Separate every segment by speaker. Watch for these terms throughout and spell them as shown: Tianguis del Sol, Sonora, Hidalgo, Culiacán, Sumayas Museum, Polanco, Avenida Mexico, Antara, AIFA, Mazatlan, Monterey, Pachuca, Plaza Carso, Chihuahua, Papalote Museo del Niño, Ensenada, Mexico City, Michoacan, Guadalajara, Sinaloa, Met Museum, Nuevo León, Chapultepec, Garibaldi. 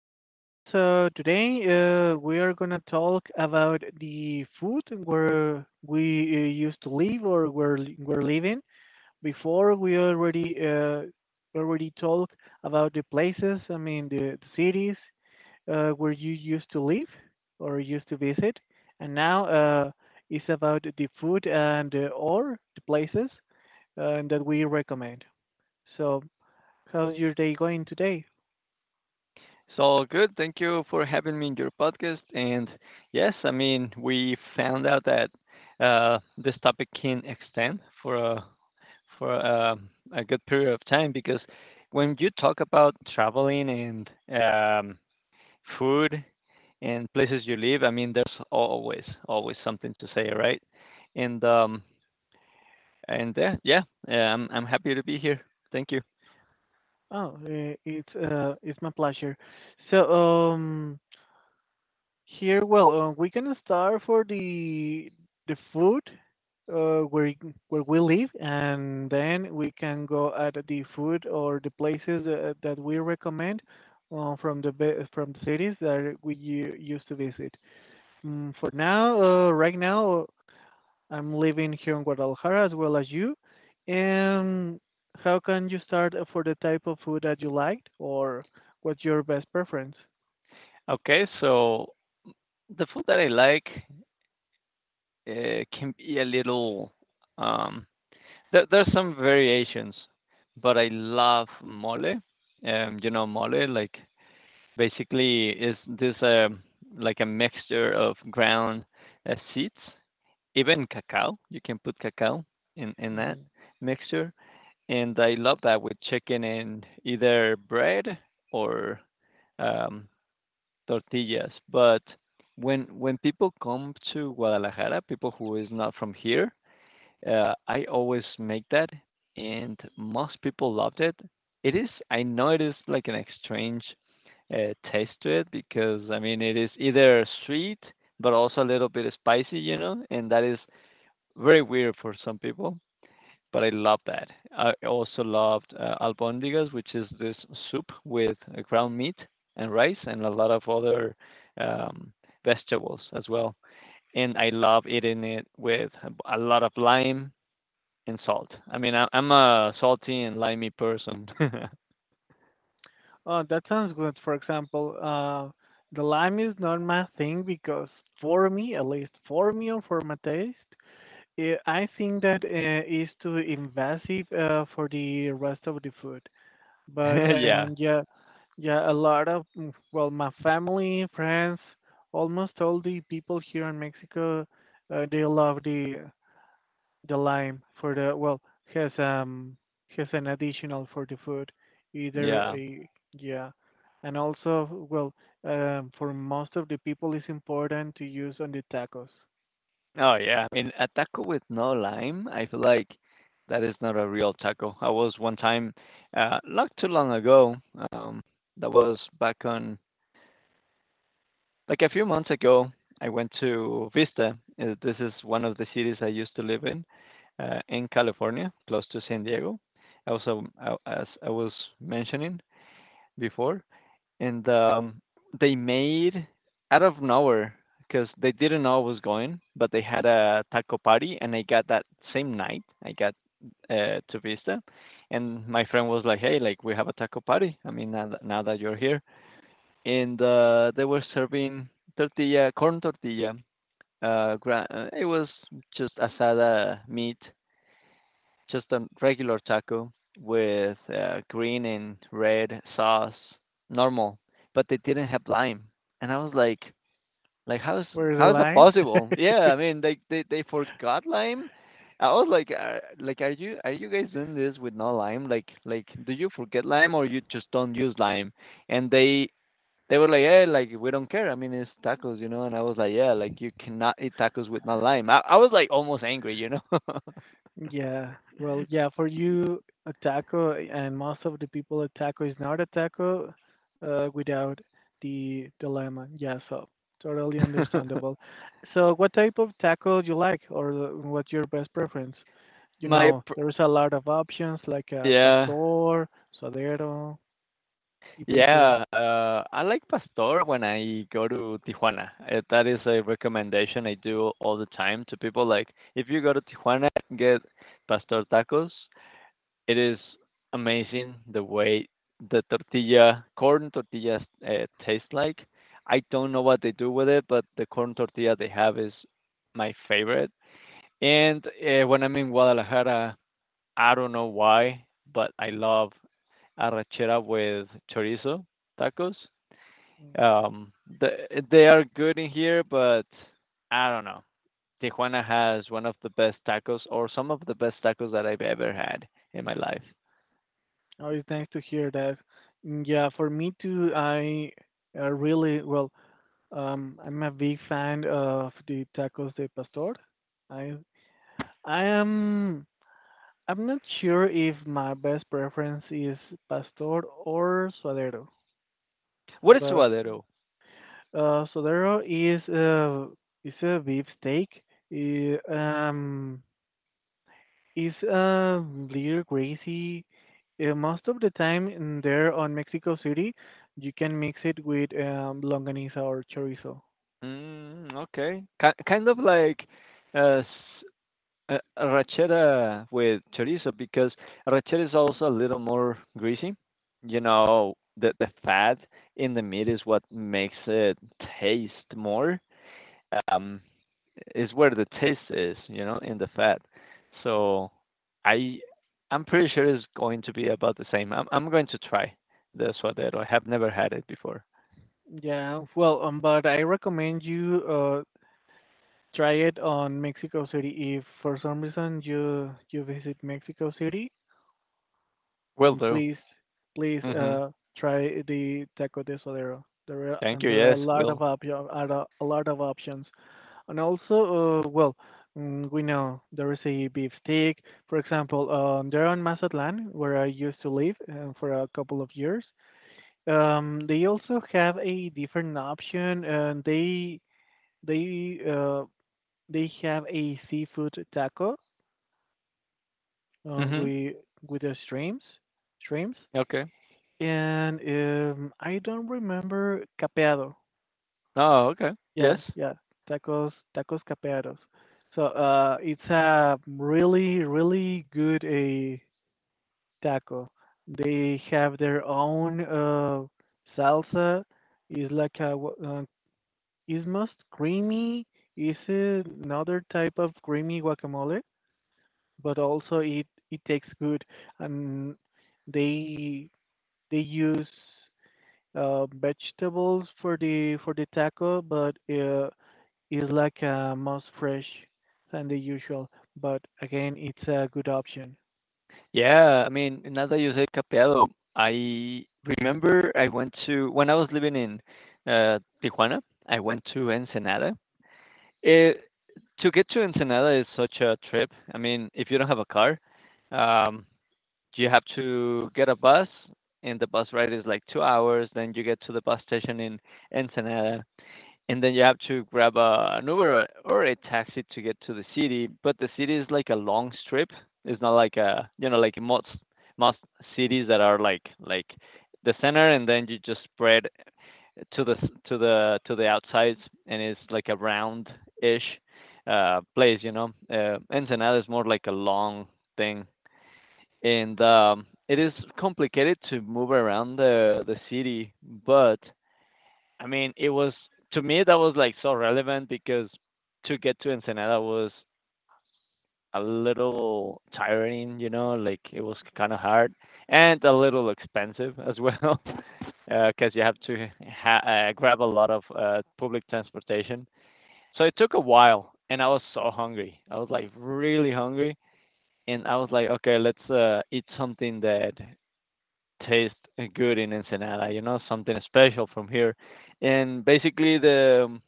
Speaker 1: and welcome. So today we are gonna talk about the food where we used to live or where we're living. Before we already talked about the places. I mean the cities where you used to live or used to visit, and now it's about the food and or the places that we recommend. So how's your day going today?
Speaker 2: So good. Thank you for having me in your podcast. And yes, I mean, we found out that this topic can extend for a for a, a good period of time because when you talk about traveling and um, food and places you live, I mean, there's always something to say, right? And um, and uh, yeah, yeah, I'm happy to be here. Thank you.
Speaker 1: Oh, it's my pleasure. So, um, here, well, we can start for the food, where where we live, and then we can go at the food or the places that we recommend, from from the cities that used to visit. For now, right now. I'm living here in Guadalajara as well as you. And how can you start for the type of food that you liked, or what's your best preference?
Speaker 2: Okay, so the food that I like can be a little. Um, there's some variations, but I love mole. You know mole, like basically is this like a mixture of ground seeds, even cacao. You can put cacao in that
Speaker 1: Hmm.
Speaker 2: mixture, and I love that with chicken and either bread or um, tortillas. But when people come to Guadalajara, people who is not from here, I always make that, and most people loved it. It is, I know it is like an strange taste to it because I mean it is either sweet but also a little bit spicy, you know, and that is very weird for some people. But I love that. I also loved albondigas, which is this soup with ground meat and rice and a lot of other um, vegetables as well. And I love eating it with a lot of lime and salt. I mean, I'm a salty and limey person.
Speaker 1: Oh, that sounds good. For example, the lime is not my thing because for me, at least for me or for my taste, I think that is too invasive for the rest of the food. But
Speaker 2: Yeah,
Speaker 1: and yeah, yeah, a lot of well, my family, friends, almost all the people here in Mexico, they love the lime for the well has um has an additional for the food, either
Speaker 2: yeah.
Speaker 1: a yeah, and also well for most of the people it's important to use on the tacos.
Speaker 2: Oh, yeah. I mean, a taco with no lime, I feel like that is not a real taco. I was one time, not too long ago, um, that was back on like a few months ago, I went to Vista. This is one of the cities I used to live in California, close to San Diego. Also, I, as I was mentioning before, and they made out of nowhere because they didn't know I was going, but they had a taco party, and I got that same night. I got to Vista, and my friend was like, "Hey, like we have a taco party. I mean, now that you're here, and they were serving tortilla, corn tortilla. It was just asada meat just a regular taco with green and red sauce, normal, but they didn't have lime. And I was like
Speaker 1: Where the
Speaker 2: how is that
Speaker 1: lime?
Speaker 2: possible? Yeah, I mean they forgot lime. I was like are you guys doing this with no lime? Like do you forget lime or you just don't use lime? And they were like, yeah, like we don't care. I mean it's tacos, And I was like, yeah, like you cannot eat tacos with no lime. I was like almost angry, you know.
Speaker 1: Yeah, well, yeah, for you, a taco and most of the people, a taco is not a taco without the dilemma. Yeah, so totally understandable. So, what type of taco do you like, or what's your best preference? You
Speaker 2: my
Speaker 1: know, there's a lot of options like
Speaker 2: Yeah.
Speaker 1: pastor, suadero, etc.
Speaker 2: Yeah, I like pastor when I go to Tijuana. That is a recommendation I do all the time to people. Like, if you go to Tijuana, get pastor tacos. It is amazing the way the tortilla, corn tortillas, taste like. I don't know what they do with it, but the corn tortilla they have is my favorite. And when I'm in Guadalajara, I don't know why, but I love arrachera with chorizo tacos.
Speaker 1: Mm,
Speaker 2: Um, the, they are good in here, but I don't know. Tijuana has one of the best tacos, or some of the best tacos that I've ever had in my life.
Speaker 1: Always nice to hear that. Mm, yeah, for me too, I really well. I'm a big fan of the tacos de pastor. I I am I'm not sure if my best preference is pastor or suadero,
Speaker 2: What is
Speaker 1: but
Speaker 2: suadero?
Speaker 1: suadero is a beef steak. It, um, it's a little greasy. Most of the time, in there on Mexico City, you can mix it with longaniza or chorizo.
Speaker 2: Mm, okay, Ki kind of like uh, s- arrachera with chorizo because arrachera is also a little more greasy. You know, the fat in the meat is what makes it taste more. um, is where the taste is, you know, in the fat. So I I'm pretty sure it's going to be about the same. I'm going to try the suadero. I have never had it before.
Speaker 1: Yeah, well, but I recommend you. Try it on Mexico City. If for some reason you visit Mexico City,
Speaker 2: Will
Speaker 1: mm,
Speaker 2: do.
Speaker 1: please please
Speaker 2: Mhm.
Speaker 1: uh try the taco de suadero. There are
Speaker 2: Thank
Speaker 1: and
Speaker 2: you.
Speaker 1: there are a
Speaker 2: Yes,
Speaker 1: lot of
Speaker 2: will.
Speaker 1: are a lot of options, and also well. We know there is a beef steak. For example, there on Mazatlan, where I used to live for a couple of years, they also have a different option. And they uh, they have a seafood taco um,
Speaker 2: Mhm.
Speaker 1: with with the streams,
Speaker 2: Okay.
Speaker 1: and I don't remember capeado.
Speaker 2: Oh, okay.
Speaker 1: Yeah,
Speaker 2: Yes.
Speaker 1: yeah, tacos capeados. So it's a really, really good a taco. They have their own salsa. It's like a wa- it's most creamy. It's another type of creamy guacamole, but also it tastes good and they they use vegetables for the taco, but it's like most fresh than the usual. But again, it's a good option.
Speaker 2: Yeah, I mean, now that you say capeado, I remember I went to when I was living in Tijuana, I went to Ensenada It, to get to Ensenada is such a trip. I mean, if you don't have a car, um, you have to get a bus, and the bus ride is like 2 hours. Then you get to the bus station in Ensenada, and then you have to grab an Uber or a taxi to get to the city. But the city is like a long strip. It's not like a, you know, like most cities that are like the center, and then you just spread to the to the outsides, and it's like a round ish place, you know. Ensenada is more like a long thing, and it is complicated to move around the city. But I mean it was, to me that was like so relevant because to get to Ensenada was a little tiring, you know, like it was kind of hard and a little expensive as well because you have to ha- grab a lot of public transportation. So it took a while, and I was so hungry. I was like really hungry, and I was like, okay, let's eat something that tastes good in Ensenada. You know, something special from here. And basically, the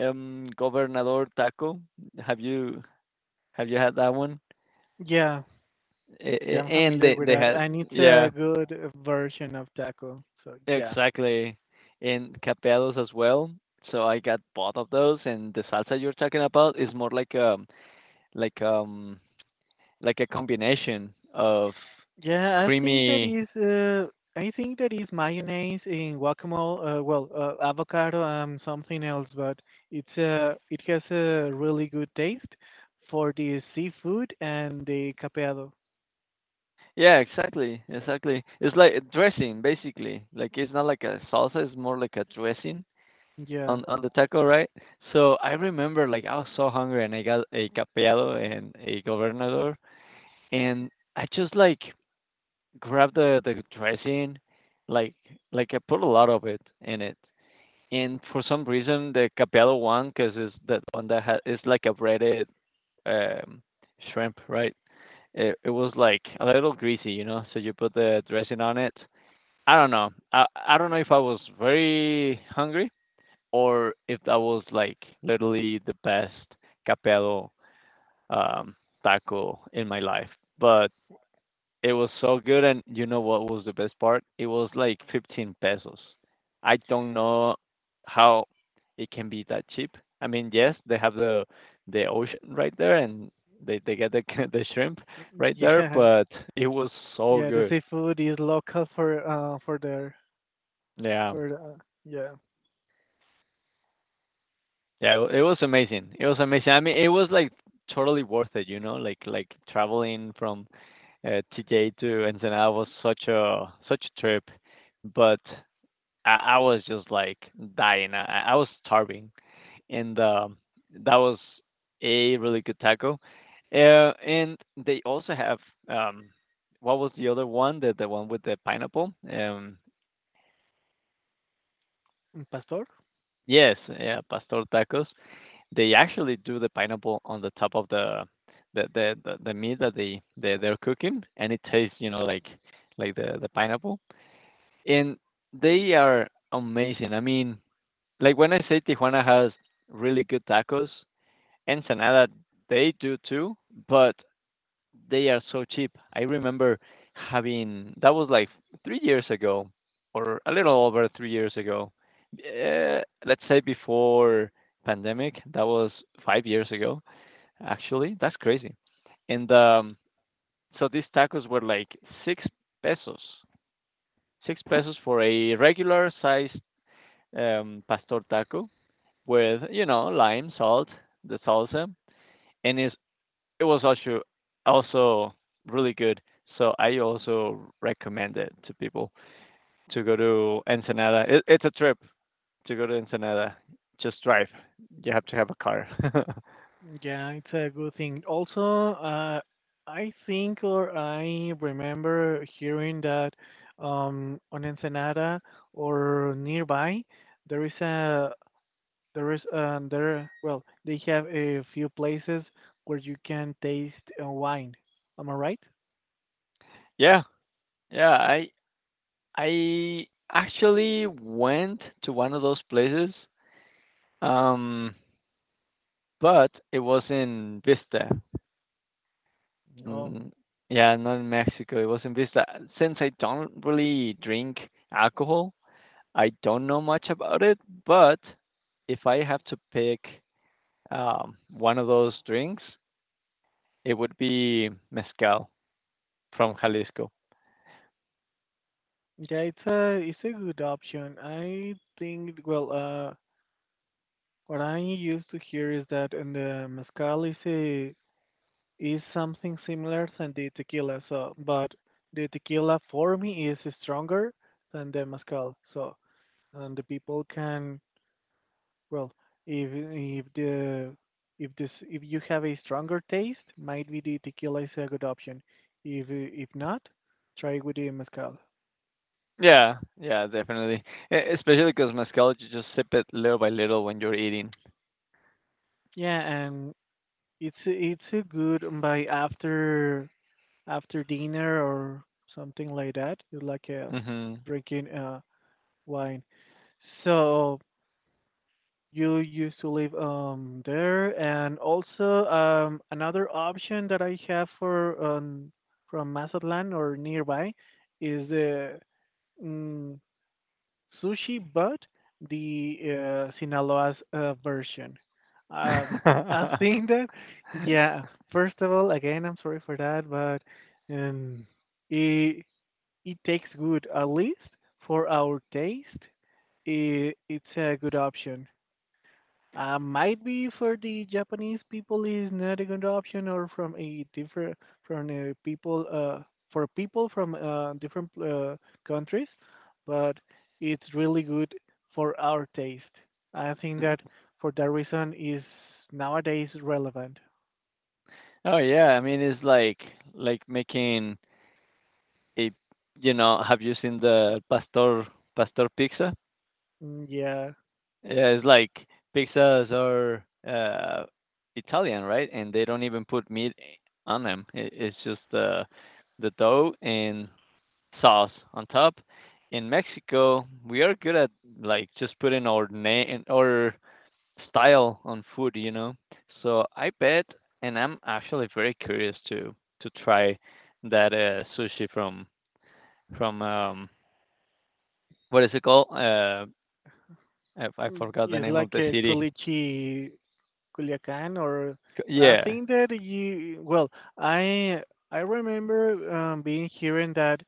Speaker 2: Gobernador taco. Have you have you had that one?
Speaker 1: Yeah, yeah, I'm
Speaker 2: And
Speaker 1: familiar with
Speaker 2: they
Speaker 1: that,
Speaker 2: had
Speaker 1: and it's
Speaker 2: yeah.
Speaker 1: a good version of taco. So yeah.
Speaker 2: Exactly, and Cabellos as well. So I got both of those, and the salsa you're talking about is more like like um like a combination of
Speaker 1: Yeah,
Speaker 2: creamy.
Speaker 1: I think that is mayonnaise in guacamole. Well, avocado and something else, but it has a really good taste for the seafood and the capeado.
Speaker 2: Yeah, exactly, exactly. It's like a dressing basically. Like it's not like a salsa; it's more like a dressing
Speaker 1: Yeah,
Speaker 2: on the taco, right? So I remember like I was so hungry, and I got a capello and a gobernador, and I just like grab the dressing, like like I put a lot of it in it. And for some reason, the capello one, because it's that one that ha it's like a breaded um, shrimp, right? It was like a little greasy, you know. So you put the dressing on it. I don't know. I don't know if I was very hungry or if that was like literally the best capello um, taco in my life. But it was so good, and you know what was the best part? It was like 15 pesos. I don't know how it can be that cheap. I mean, yes, they have the ocean right there, and they get the the shrimp right there,
Speaker 1: yeah,
Speaker 2: but it was so
Speaker 1: yeah. The
Speaker 2: good.
Speaker 1: seafood is local for there
Speaker 2: Yeah,
Speaker 1: for yeah.
Speaker 2: yeah, it was amazing. It was amazing. I mean, it was like totally worth it. You know, like traveling from TJ to Ensenada was such a such a trip, but I was just like dying. I was starving, and that was a really good taco. And they also have um, what was the other one? The one with the pineapple.
Speaker 1: Mm, pastor.
Speaker 2: Yes, yeah, pastor tacos. They actually do the pineapple on the top of the meat that they they're cooking, and it tastes you know like the pineapple. And they are amazing. I mean, like when I say Tijuana has really good tacos, Ensenada, they do too, but they are so cheap. I remember having that was like 3 years ago or a little over 3 years ago. Let's say before pandemic, that was 5 years ago actually. That's crazy. And so these tacos were like 6 pesos. 6 pesos for a regular sized pastor taco with you know lime, salt, the salsa, and it was also really good. So I also recommend it to people to go to Ensenada. It's a trip to go to Ensenada. Just drive. You have to have a car.
Speaker 1: Yeah, it's a good thing. Also, I think or I remember hearing that on Ensenada or nearby, there is a there is there well they have a few places where you can taste wine. Am I right?
Speaker 2: yeah, yeah. I actually went to one of those places, um, but it was in Vista.
Speaker 1: Oh,
Speaker 2: Mm, yeah, not in Mexico. It was in Vista. Since I don't really drink alcohol, I don't know much about it. But if I have to pick one of those drinks, it would be mezcal from Jalisco.
Speaker 1: yeah, it's a good option. I think well, what I used to hear is that in the mezcal is something similar than the tequila. So, but the tequila for me is stronger than the mezcal. So, and the people can well, if the if this if you have a stronger taste, might be the tequila is a good option. If not, try with the mezcal.
Speaker 2: Yeah, yeah, definitely. Especially because mezcal, you just sip it little by little when you're eating.
Speaker 1: Yeah, and it's a good by after dinner or something like that. It's like a
Speaker 2: Hmm.
Speaker 1: drinking wine. So you used to live there and also another option that I have for from Mazatlan or nearby is the mm, sushi but the Sinaloa's version. Um I think that yeah, first of all again I'm sorry for that but um it it takes good at least for our taste, it's a good option. Might be for the Japanese people is not a good option, or from a different from a people for people from different countries, but it's really good for our taste. I think that
Speaker 2: Oh,
Speaker 1: for that reason is nowadays relevant.
Speaker 2: yeah, I mean it's like making it. You know, have you seen the pastor pizza?
Speaker 1: Mm, yeah.
Speaker 2: Yeah, it's like pizzas are Italian, right, and they don't even put meat on them. It's just the dough and sauce on top. In Mexico we are good at like just putting our name or style on food, you know. So I bet, and I'm actually very curious to try that sushi from from um What is it called? I forgot the
Speaker 1: It's
Speaker 2: name of
Speaker 1: like
Speaker 2: the
Speaker 1: a
Speaker 2: city.
Speaker 1: culichi Culiacán or
Speaker 2: C,
Speaker 1: I
Speaker 2: yeah.
Speaker 1: think that you well I I remember being hearing that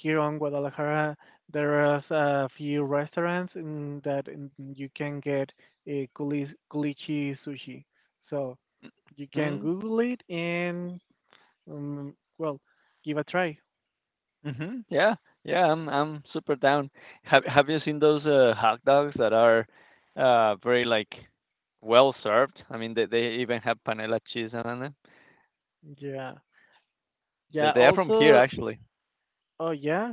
Speaker 1: here on Guadalajara there are a few restaurants in that you can get a culichi sushi. So you can
Speaker 2: Mm.
Speaker 1: Google it and well give a try.
Speaker 2: Mhm. Yeah. Yeah, I'm super down. Have you seen those, hot dogs that are, very, like, well served? I mean, they even have panela cheese on them.
Speaker 1: Yeah.
Speaker 2: They
Speaker 1: Yeah
Speaker 2: they are from here,
Speaker 1: also,
Speaker 2: actually.
Speaker 1: oh yeah,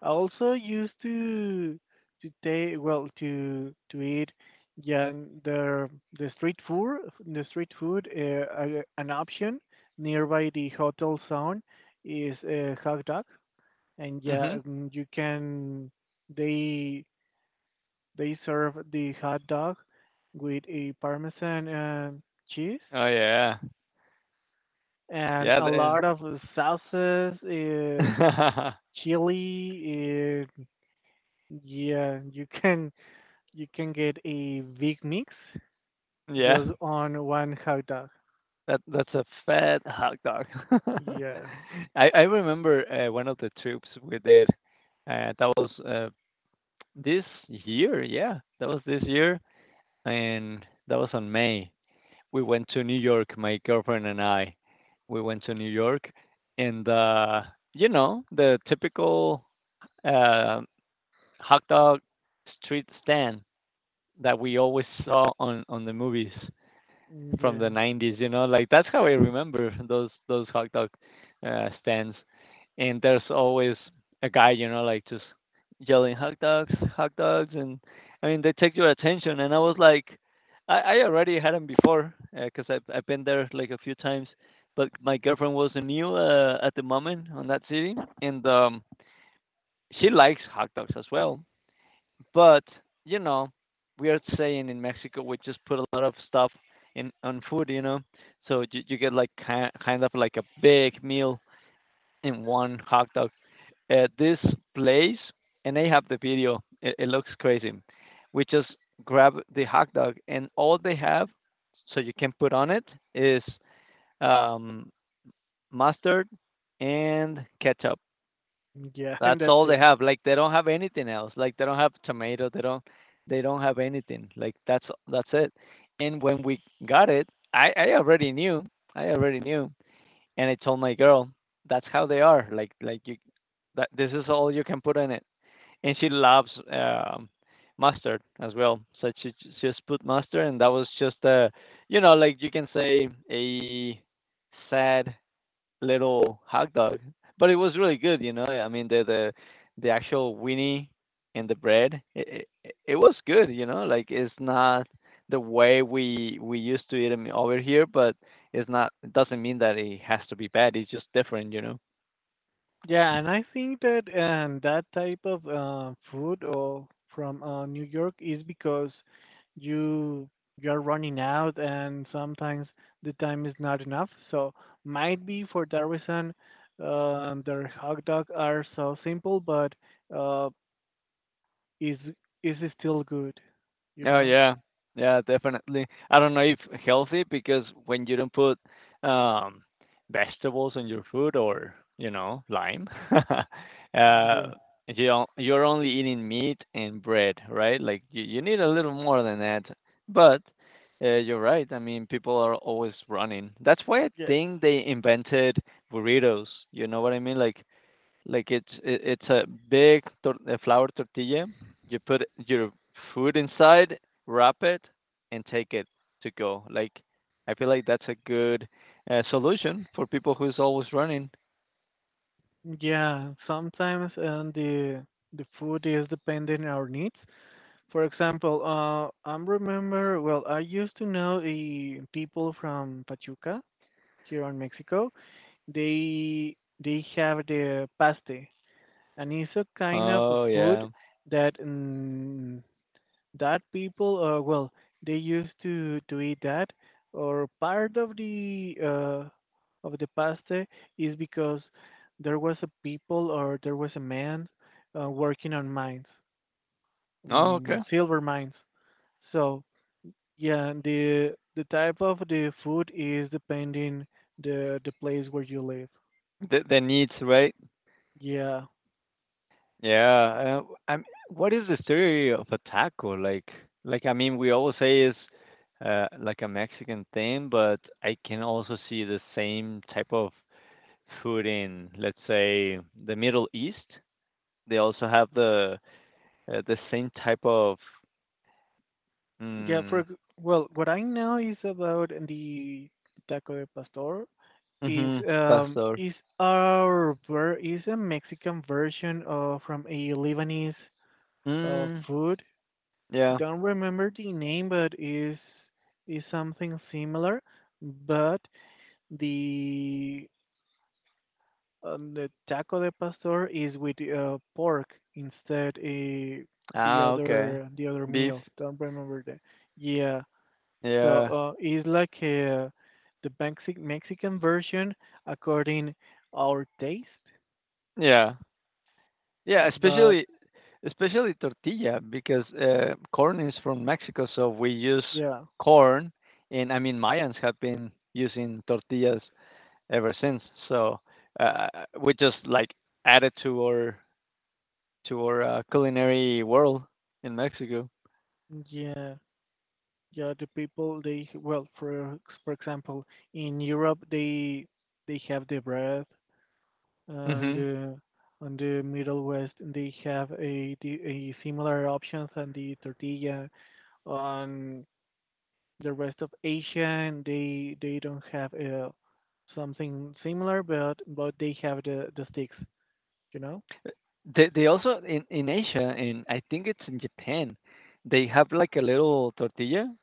Speaker 1: I also used to take well to eat, yeah, the the street food, an option nearby the hotel zone is hot dog and yeah,
Speaker 2: Mhm.
Speaker 1: you can they they serve the hot dog with a parmesan cheese
Speaker 2: Oh, yeah.
Speaker 1: and
Speaker 2: Yeah,
Speaker 1: a
Speaker 2: the
Speaker 1: lot of sauces, chili, yeah, You can get a big mix
Speaker 2: Yeah.
Speaker 1: just on one hot dog.
Speaker 2: That's a fat hot dog.
Speaker 1: Yeah,
Speaker 2: I remember, one of the trips we did, uh, that was, uh This year, yeah, that was this year, and that was on May. We went to New York, my girlfriend and I. We went to New York, and you know, the typical uh, hot dog street stand that we always saw on the movies from
Speaker 1: yeah,
Speaker 2: the 90s, you know, like that's how I remember those hot dog stands. And there's always a guy, you know, like just yelling hot dogs, and I mean they take your attention. And I was like, I already had them before because I've been there like a few times, but my girlfriend was new at the moment on that city, and she likes hot dogs as well. But, you know, we are saying in Mexico, we just put a lot of stuff in on food, you know? So you get like ki kind of like a big meal in one hot dog. At this place, and they have the video, it looks crazy. We just grab the hot dog, and all they have, so you can put on it, is um, mustard and ketchup.
Speaker 1: yeah, and
Speaker 2: That's
Speaker 1: that's
Speaker 2: all they
Speaker 1: it.
Speaker 2: have. Like they don't have anything else. Like they don't have tomato. They don't have anything. Like that's it. And when we got it, I already knew. I already knew. And I told my girl, that's how they are. Like you that this is all you can put in it. And she loves mustard as well. So she just put mustard, and that was just a, you know, like you can say a sad little hot dog, but it was really good, you know? I mean, the actual weenie and the bread, it was good, you know? Like it's not the way we used to eat them over here, but it doesn't mean that it has to be bad. It's just different, you know?
Speaker 1: Yeah, and I think that that type of food or from New York is because you you're running out and sometimes the time is not enough. So might be for that reason, their hot dogs are so simple, but uh, is is still good, you
Speaker 2: Oh,
Speaker 1: know?
Speaker 2: yeah. Yeah, definitely. I don't know if healthy because when you don't put um, vegetables on your food or, you know, lime, uh,
Speaker 1: Yeah.
Speaker 2: you you're only eating meat and bread, right? Like you need a little more than that. But you're right. I mean, people are always running. That's why I
Speaker 1: Yeah.
Speaker 2: think they invented burritos. You know what I mean? Like it's a big a flour tortilla. You put your food inside, wrap it, and take it to go. Like I feel like that's a good solution for people who's always running.
Speaker 1: Yeah, sometimes and the food is depending on our needs. For example, I remember, well, I used to know the people from Pachuca here in Mexico. They they have the paste, and it's a kind of a
Speaker 2: Oh
Speaker 1: food
Speaker 2: yeah.
Speaker 1: that that people, well they used to eat that or part of the pasta is because there was a people or there was a man working on mines,
Speaker 2: Oh okay.
Speaker 1: silver mines. So yeah, the type of the food is depending the place where you live.
Speaker 2: The needs, right?
Speaker 1: Yeah,
Speaker 2: Yeah. I'm. What is the theory of a taco? I mean, we always say is like a Mexican thing, but I can also see the same type of food in, let's say, the Middle East, they also have the same type of
Speaker 1: yeah,
Speaker 2: mm,
Speaker 1: well what I know is about the taco de pastor is
Speaker 2: mhm,
Speaker 1: um
Speaker 2: pastor.
Speaker 1: is is a Mexican version of from a Lebanese
Speaker 2: Mm,
Speaker 1: food.
Speaker 2: yeah.
Speaker 1: Don't remember the name, but is something similar. But the the taco de pastor is with pork instead, the
Speaker 2: Ah, okay.
Speaker 1: other the other
Speaker 2: Beef.
Speaker 1: meal. Don't remember that. Yeah, so
Speaker 2: Yeah.
Speaker 1: it's like the Mexican version according our taste.
Speaker 2: Yeah. Yeah,
Speaker 1: But
Speaker 2: especially especially tortilla because corn is from Mexico, so we use
Speaker 1: yeah,
Speaker 2: corn, and I mean Mayans have been using tortillas ever since. So uh, we just like add it to our culinary world in Mexico.
Speaker 1: yeah, yeah. The people they well, for example, in Europe they have the bread, and
Speaker 2: Hmm.
Speaker 1: on the Middle West they have a similar options and the tortilla. On the rest of Asia, and they don't have something similar, but they have the sticks, you know.
Speaker 2: They also in Asia, and I think it's in Japan, they have like a little tortilla.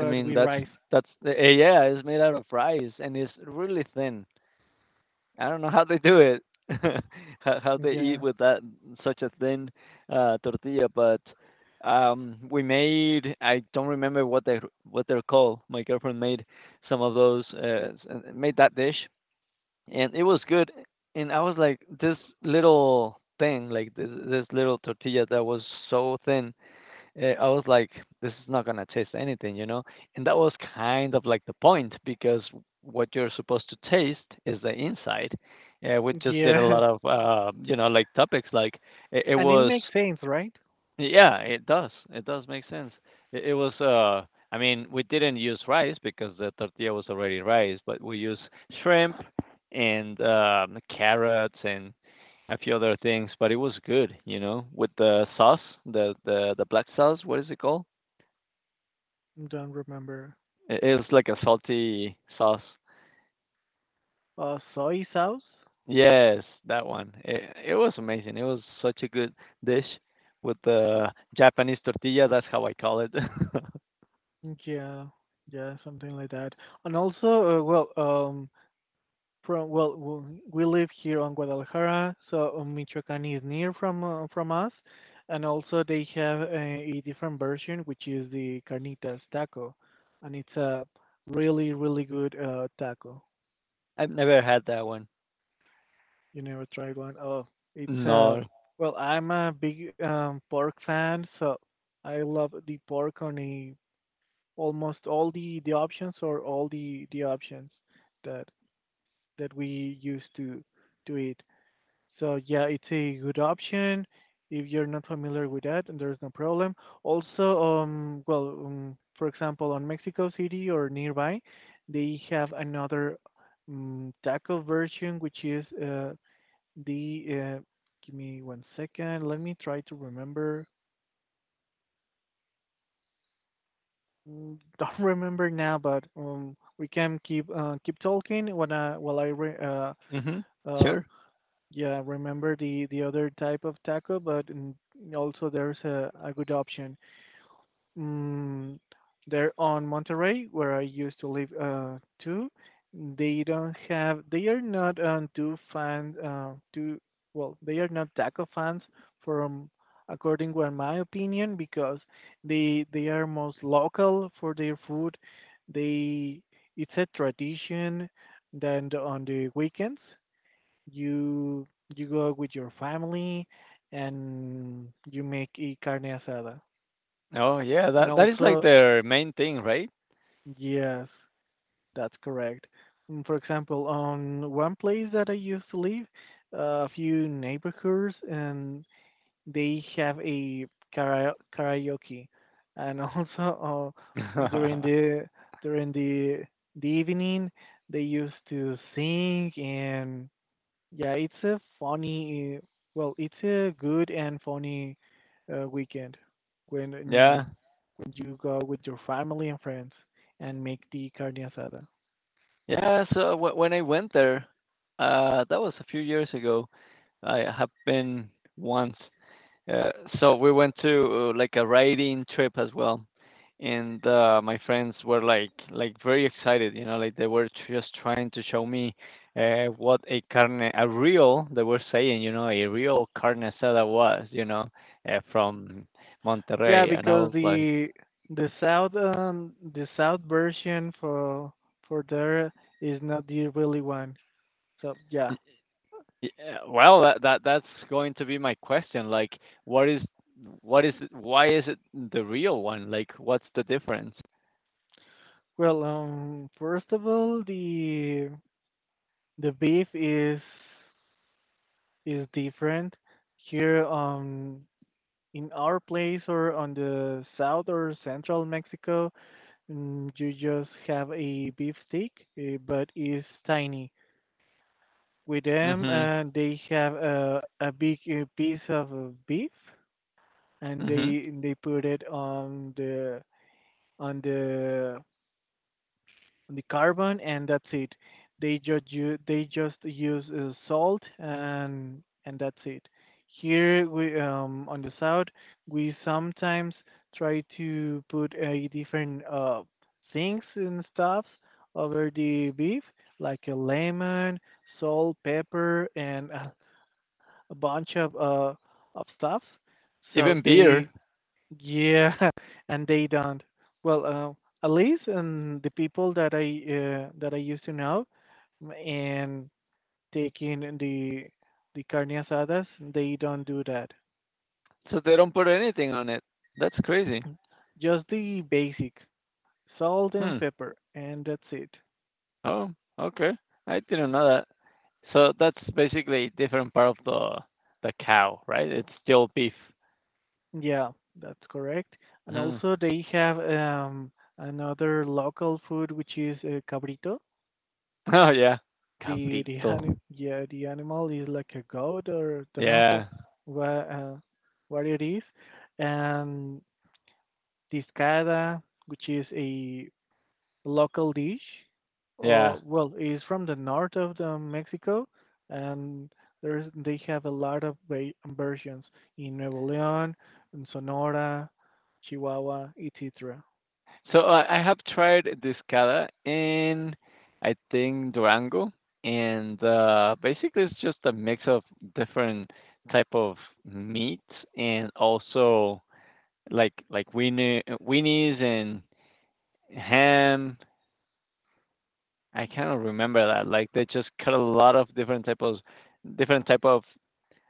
Speaker 2: I mean
Speaker 1: we
Speaker 2: that's
Speaker 1: rice,
Speaker 2: that's uh, yeah, it's made out of rice and it's really thin. I don't know how they do it, how they eat
Speaker 1: yeah,
Speaker 2: with that such a thin tortilla, but we made, I don't remember what they what they're called, my girlfriend made some of those made that dish, and it was good. And I was like, this little thing, like this little tortilla that was so thin, I was like, this is not gonna taste anything, you know. And that was kind of like the point because what you're supposed to taste is the inside. We just did a
Speaker 1: yeah,
Speaker 2: lot of, you know, like topics like it
Speaker 1: and it
Speaker 2: was
Speaker 1: makes sense, right?
Speaker 2: yeah, it does. It does make sense. It was, I mean, we didn't use rice because the tortilla was already rice, but we used shrimp and carrots and a few other things. But it was good, you know, with the sauce, the black sauce. What is it called?
Speaker 1: Don't remember.
Speaker 2: It was like a salty sauce.
Speaker 1: Soy sauce?
Speaker 2: Yes, that one. It was amazing. It was such a good dish with the Japanese tortilla. That's how I call it.
Speaker 1: Yeah, yeah, something like that. And also, well, from well, we live here on Guadalajara, so Michoacan is near from us, and also they have a different version, which is the carnitas taco, and it's a really really good taco.
Speaker 2: I've never had that one.
Speaker 1: You never tried one? Oh, it's
Speaker 2: No.
Speaker 1: well, I'm a big pork fan, so I love the pork on a almost all the options or all the options that that we use to do it. So yeah, it's a good option if you're not familiar with that, and there's no problem. Also, well, for example, on Mexico City or nearby, they have another taco version, which is the give me one second. Let me try to remember. Don't remember now, but we can keep talking when I while I re
Speaker 2: Mhm.
Speaker 1: uh
Speaker 2: Sure.
Speaker 1: yeah remember the other type of taco, but also there's a good option. Mm, they're on Monterey, where I used to live too. They don't have, they are not too fan, too, well, they are not taco fans from, according to my opinion, because they are most local for their food. They, it's a tradition that on the weekends you you go with your family and you make a carne asada
Speaker 2: Oh, yeah,
Speaker 1: and
Speaker 2: that that is like
Speaker 1: also
Speaker 2: their main thing, right?
Speaker 1: yes, that's correct. For example, on one place that I used to live, a few neighborhoods, and they have a karaoke, and also during the during the the evening they used to sing, and yeah, it's a it's a good and funny weekend when
Speaker 2: Yeah.
Speaker 1: when you go with your family and friends and make the carne asada.
Speaker 2: Yeah, so w when I went there, that was a few years ago. I have been once. Uh, so we went to like a riding trip as well, and my friends were like very excited, you know, like they were just trying to show me what a carne a real, they were saying, you know, a real carne asada was, you know, from
Speaker 1: Yeah,
Speaker 2: Monterrey, and I
Speaker 1: because
Speaker 2: was like,
Speaker 1: the the south version for there is not the really one. So yeah.
Speaker 2: "Y- well, that's going to be my question, like, what is what is it, why is it the real one? Like, what's the difference?
Speaker 1: Well, first of all, the beef is different here on in our place or on the south or central Mexico. You just have a beef steak, but it's tiny. With them,
Speaker 2: Mhm.
Speaker 1: and they have a big piece of beef, and
Speaker 2: Mhm.
Speaker 1: they put it on the on the on the carbon, and that's it. They just u- they just use salt, and that's it. Here we on the south we sometimes try to put a different things and stuffs over the beef like a lemon, salt, pepper, and a bunch of stuff. So
Speaker 2: Even beer.
Speaker 1: they yeah, and they don't. Well, at least and the people that I used to know and taking the carne asadas, they don't do that.
Speaker 2: So they don't put anything on it. That's crazy.
Speaker 1: Just the basic salt and
Speaker 2: Hmm.
Speaker 1: pepper, and that's it.
Speaker 2: Oh, okay. I didn't know that. So that's basically a different part of the cow, right? It's still beef.
Speaker 1: Yeah, that's correct. And
Speaker 2: Hmm.
Speaker 1: also they have another local food which is cabrito.
Speaker 2: Oh yeah. Cabrito.
Speaker 1: Yeah, the animal is like a goat or don't know
Speaker 2: Yeah.
Speaker 1: what uh, what it is, and discada, which is a local dish,
Speaker 2: Yeah.
Speaker 1: is from the north of the Mexico, and there's they have a lot of versions in Nuevo León, in Sonora, Chihuahua, etc.
Speaker 2: So I have tried discada in I think Durango, and basically it's just a mix of different type of meat, and also like weenie weenies and ham. I cannot remember that. Like they just cut a lot of different types of different type of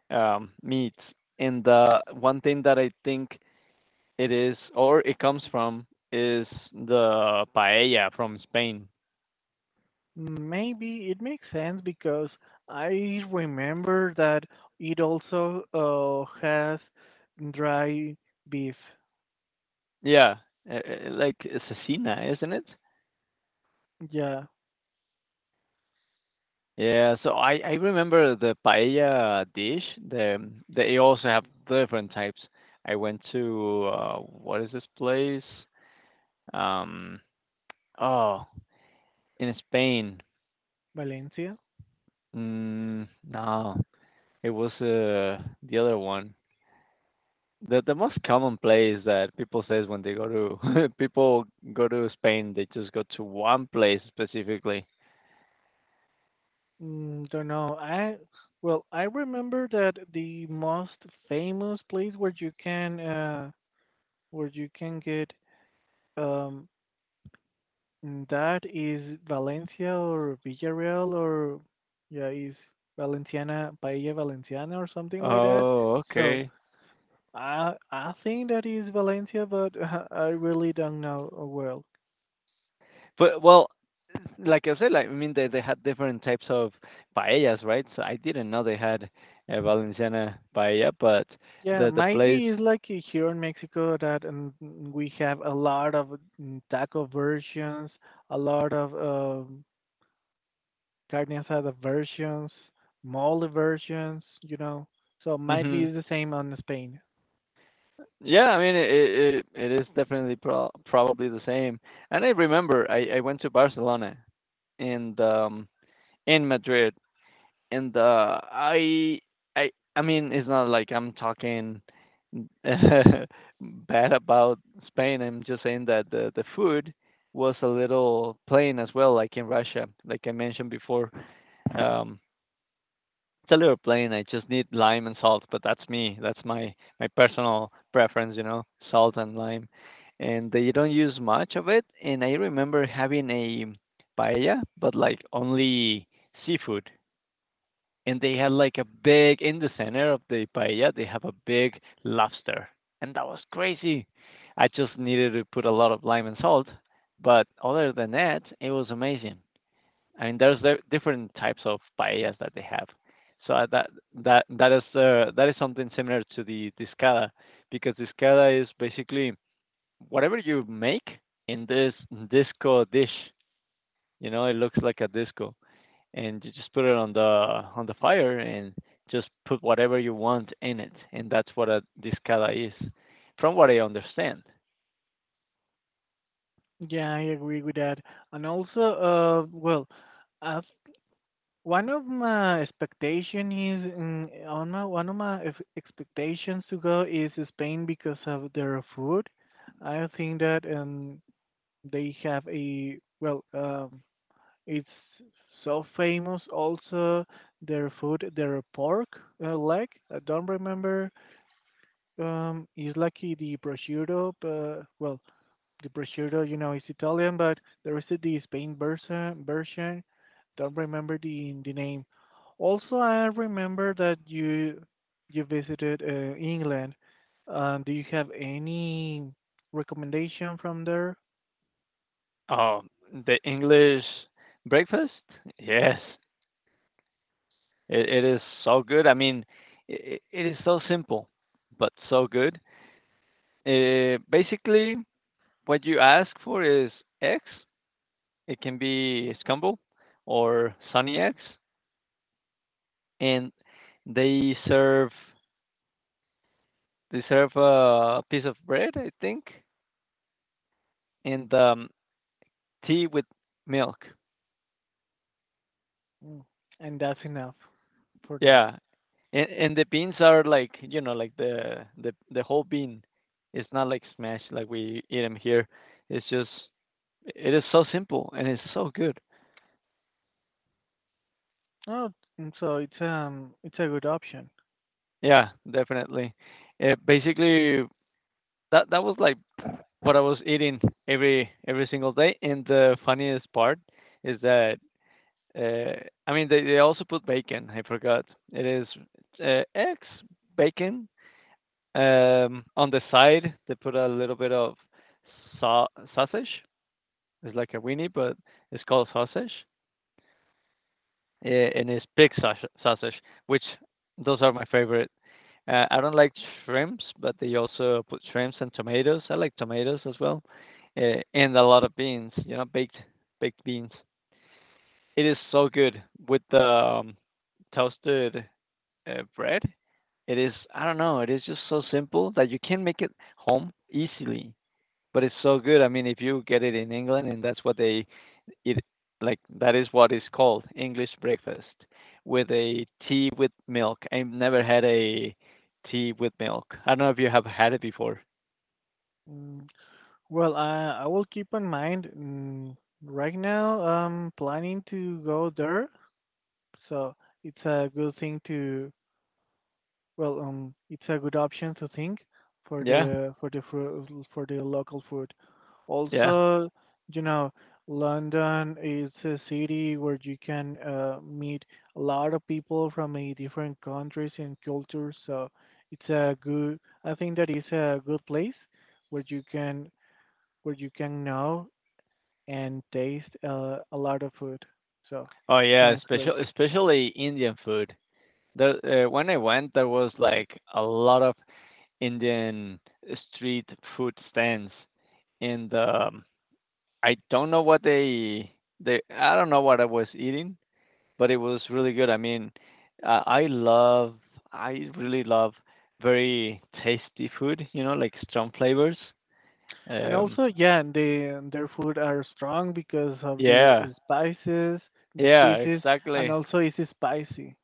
Speaker 2: meats. And the one thing that I think it is or it comes from is the paella from Spain.
Speaker 1: Maybe it makes sense because I remember that it also has dry beef.
Speaker 2: Yeah, like cecina, isn't it?
Speaker 1: Yeah,
Speaker 2: Yeah, so I remember the paella dish. The they also have different types. I went to what is this place? Um, oh, in Spain.
Speaker 1: Valencia.
Speaker 2: No, it was the other one. The most common place that people says when they go to people go to Spain, they just go to one place specifically.
Speaker 1: Don't know. I remember that the most famous place where you can get um that is Valencia or Villarreal or yeah is Valenciana. Paella Valenciana or something like that.
Speaker 2: Oh,
Speaker 1: So,
Speaker 2: okay.
Speaker 1: I think that is Valencia, but I really don't know.
Speaker 2: But well, like I said, like I mean, they had different types of paellas, right? So I didn't know they had a Valenciana paella, but
Speaker 1: Yeah,
Speaker 2: the
Speaker 1: might
Speaker 2: place.
Speaker 1: be it's like here in Mexico that we have a lot of taco versions, a lot of carne asada versions, mole versions, you know. So might
Speaker 2: Hmm.
Speaker 1: be the same on Spain.
Speaker 2: Yeah, I mean, it it is definitely probably the same. And I remember I went to Barcelona in the in Madrid, and I mean it's not like I'm talking bad about Spain. I'm just saying that the food was a little plain as well, like in Russia, like I mentioned before. Um, Stellar plain. I just need lime and salt, but that's me. That's my my personal preference, you know, salt and lime. And they don't use much of it. And I remember having a paella, but like only seafood. And they had like a big in the center of the paella. They have a big lobster, and that was crazy. I just needed to put a lot of lime and salt, but other than that, it was amazing. And there's the different types of paellas that they have. So that that is something similar to the discada, because discada is basically whatever you make in this disco dish. You know, it looks like a disco, and you just put it on the fire and just put whatever you want in it, and that's what a discada is, from what I understand.
Speaker 1: Yeah, I agree with that. And also, I one of my expectation is mm, on my one of my expectations to go is Spain because of their food. I think that they have a well it's so famous also their food their pork leg. I don't remember it's like the prosciutto but well the prosciutto, you know, is Italian, but there is the Spain version. Version, don't remember the name. Also, I remember that you visited England. Do you have any recommendation from there?
Speaker 2: Um, the English breakfast, yes. It is so good. I mean, it is so simple, but so good. Basically, what you ask for is eggs. It can be scrambled or sunny eggs, and they serve they serve a piece of bread, I think, and tea with milk.
Speaker 1: Mm, And that's enough for there.
Speaker 2: Yeah. And the beans are like, you know, like the whole bean. It's not like smashed like we eat them here. It's just it is so simple and it's so good.
Speaker 1: Oh, and so it's a good option.
Speaker 2: Yeah, definitely. It basically that that was like what I was eating every single day. And the funniest part is that uh, I mean they also put bacon. I forgot. It is eggs, bacon, on the side, they put a little bit of sau- sausage. It's like a weenie, but it's called sausage, and it's pig sausage, sausage, which those are my favorite. I don't like shrimps, but they also put shrimps and tomatoes. I like tomatoes as well, and a lot of beans. You know, baked beans. It is so good with the toasted bread. It is, I don't know, it is just so simple that you can make it home easily. But it's so good. I mean, if you get it in England, and that's what they it like that is what is called English breakfast with a tea with milk. I've never had a tea with milk. I don't know if you have had it before.
Speaker 1: Mm, Well, I will keep in mind. Right now, I'm planning to go there. So it's a good thing to it's a good option to think for
Speaker 2: Yeah,
Speaker 1: the for the local food.
Speaker 2: yeah.
Speaker 1: Also, you know, London is a city where you can meet a lot of people from a different countries and cultures. So it's a good. I think that is a good place where you can where you can know and taste a lot of food. So
Speaker 2: Oh yeah,
Speaker 1: sounds great.
Speaker 2: especially Indian food. The When I went, there was like a lot of Indian street food stands, and I don't know what they I don't know what I was eating, but it was really good. I mean, uh, I love, I really love very tasty food, you know, like strong flavors.
Speaker 1: And
Speaker 2: Um,
Speaker 1: also, yeah, and they and their food are strong because of the
Speaker 2: yeah,
Speaker 1: spices, the
Speaker 2: yeah,
Speaker 1: species, and
Speaker 2: exactly.
Speaker 1: also it's spicy.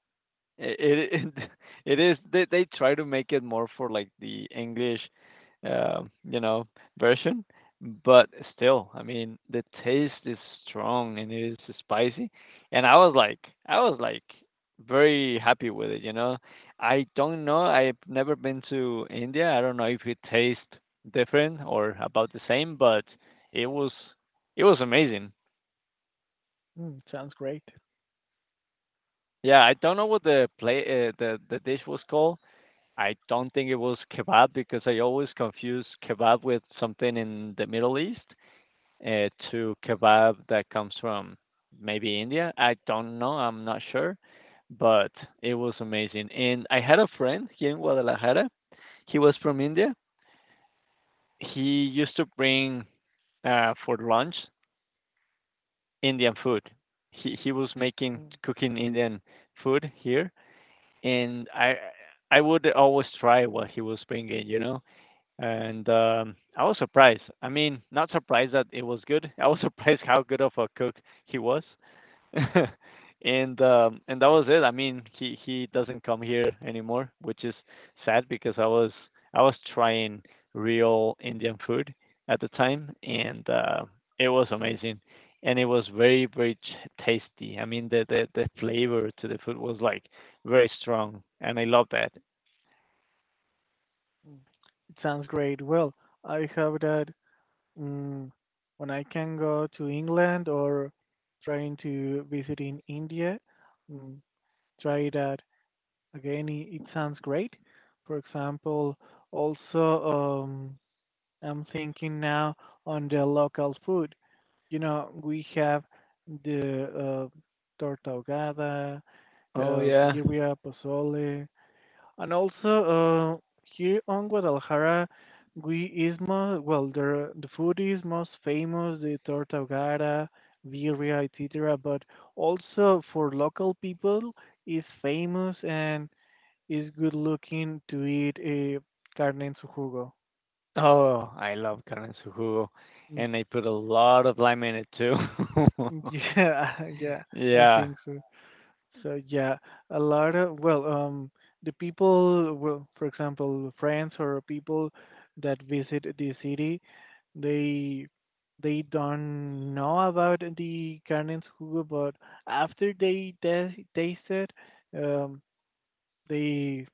Speaker 2: It it is they try to make it more for like the English, you know, version, but still, I mean, the taste is strong and it is spicy, and I was like very happy with it, you know. I don't know, I've never been to India. I don't know if it tastes different or about the same, but it was it was amazing.
Speaker 1: Sounds great.
Speaker 2: Yeah, I don't know what the play the dish was called. I don't think it was kebab because I always confuse kebab with something in the Middle East, to kebab that comes from maybe India. I don't know. I'm not sure, but it was amazing. And I had a friend here in Guadalajara. He was from India. He used to bring for lunch Indian food. He was making
Speaker 1: Mm,
Speaker 2: cooking Indian food here, and I would always try what he was bringing. You know. And I was surprised. I mean, not surprised that it was good. I was surprised how good of a cook he was. And that was it. I mean, he doesn't come here anymore, which is sad because I was trying real Indian food at the time, and it was amazing, and it was very tasty. I mean, the flavor to the food was like very strong, and I love that.
Speaker 1: mm. It sounds great. Well, I hope that mm, when I can go to England or trying to visit in India, mm, try that again. It sounds great. For example, also um, I'm thinking now on the local food. You know, we have the uh, torta ahogada,
Speaker 2: Oh yeah.
Speaker 1: birria, pozole, and also here on Guadalajara, we is most the food is most famous the torta ahogada, birria, etc. But also for local people is famous and is good looking to eat a carne en su jugo.
Speaker 2: Oh, I love carne en su jugo,
Speaker 1: Mm,
Speaker 2: and I put a lot of lime in it too.
Speaker 1: Yeah, yeah, I
Speaker 2: Yeah.
Speaker 1: think so. So yeah, a lot of the people, well, for example, friends or people that visit the city, they they don't know about the carne en jugo, but after they taste it, um, they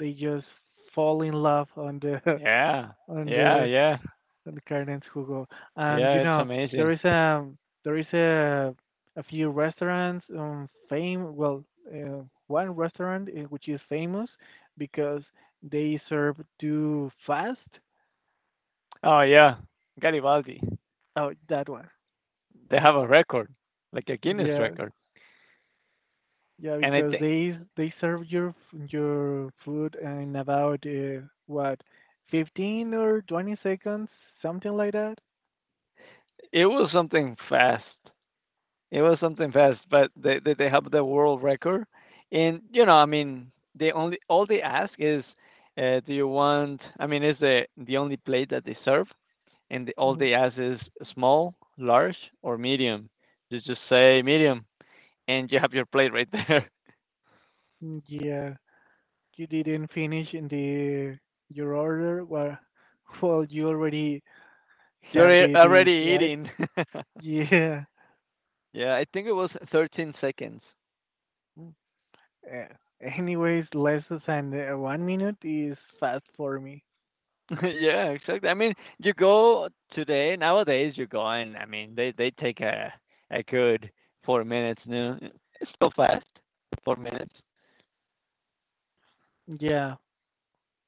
Speaker 1: they just fall in love on the
Speaker 2: Yeah.
Speaker 1: on
Speaker 2: Yeah,
Speaker 1: the
Speaker 2: yeah.
Speaker 1: and the Canadians who go. And you
Speaker 2: Yeah, it's
Speaker 1: know, there
Speaker 2: amazing.
Speaker 1: is a there is a a few restaurants fame well uh, one restaurant which is famous because they serve too fast.
Speaker 2: Oh, yeah, Garibaldi.
Speaker 1: Oh, that one.
Speaker 2: They have a record, like a Guinness
Speaker 1: Yeah.
Speaker 2: record,
Speaker 1: Yeah,
Speaker 2: and I
Speaker 1: because
Speaker 2: think
Speaker 1: they serve your your food in about what 15 or 20 seconds, something like that.
Speaker 2: it was something fast. It was something fast, but they have the world record, and, you know, I mean, they only all they ask is, "Do you want" I mean, it's the only plate that they serve, and all
Speaker 1: Mhm.
Speaker 2: they ask is small, large, or medium. You just say medium, and you have your plate right there.
Speaker 1: Yeah, you didn't finish in the your order well you already have
Speaker 2: You're
Speaker 1: the dish
Speaker 2: already
Speaker 1: right
Speaker 2: eating.
Speaker 1: yeah.
Speaker 2: Yeah, I think it was 13 seconds.
Speaker 1: Mm. Anyways, less than 1 minute is fast for me.
Speaker 2: Yeah, exactly. I mean, you go today nowadays. You go, and I mean, they take a good 4 minutes. No, it's so fast. 4 minutes.
Speaker 1: Yeah,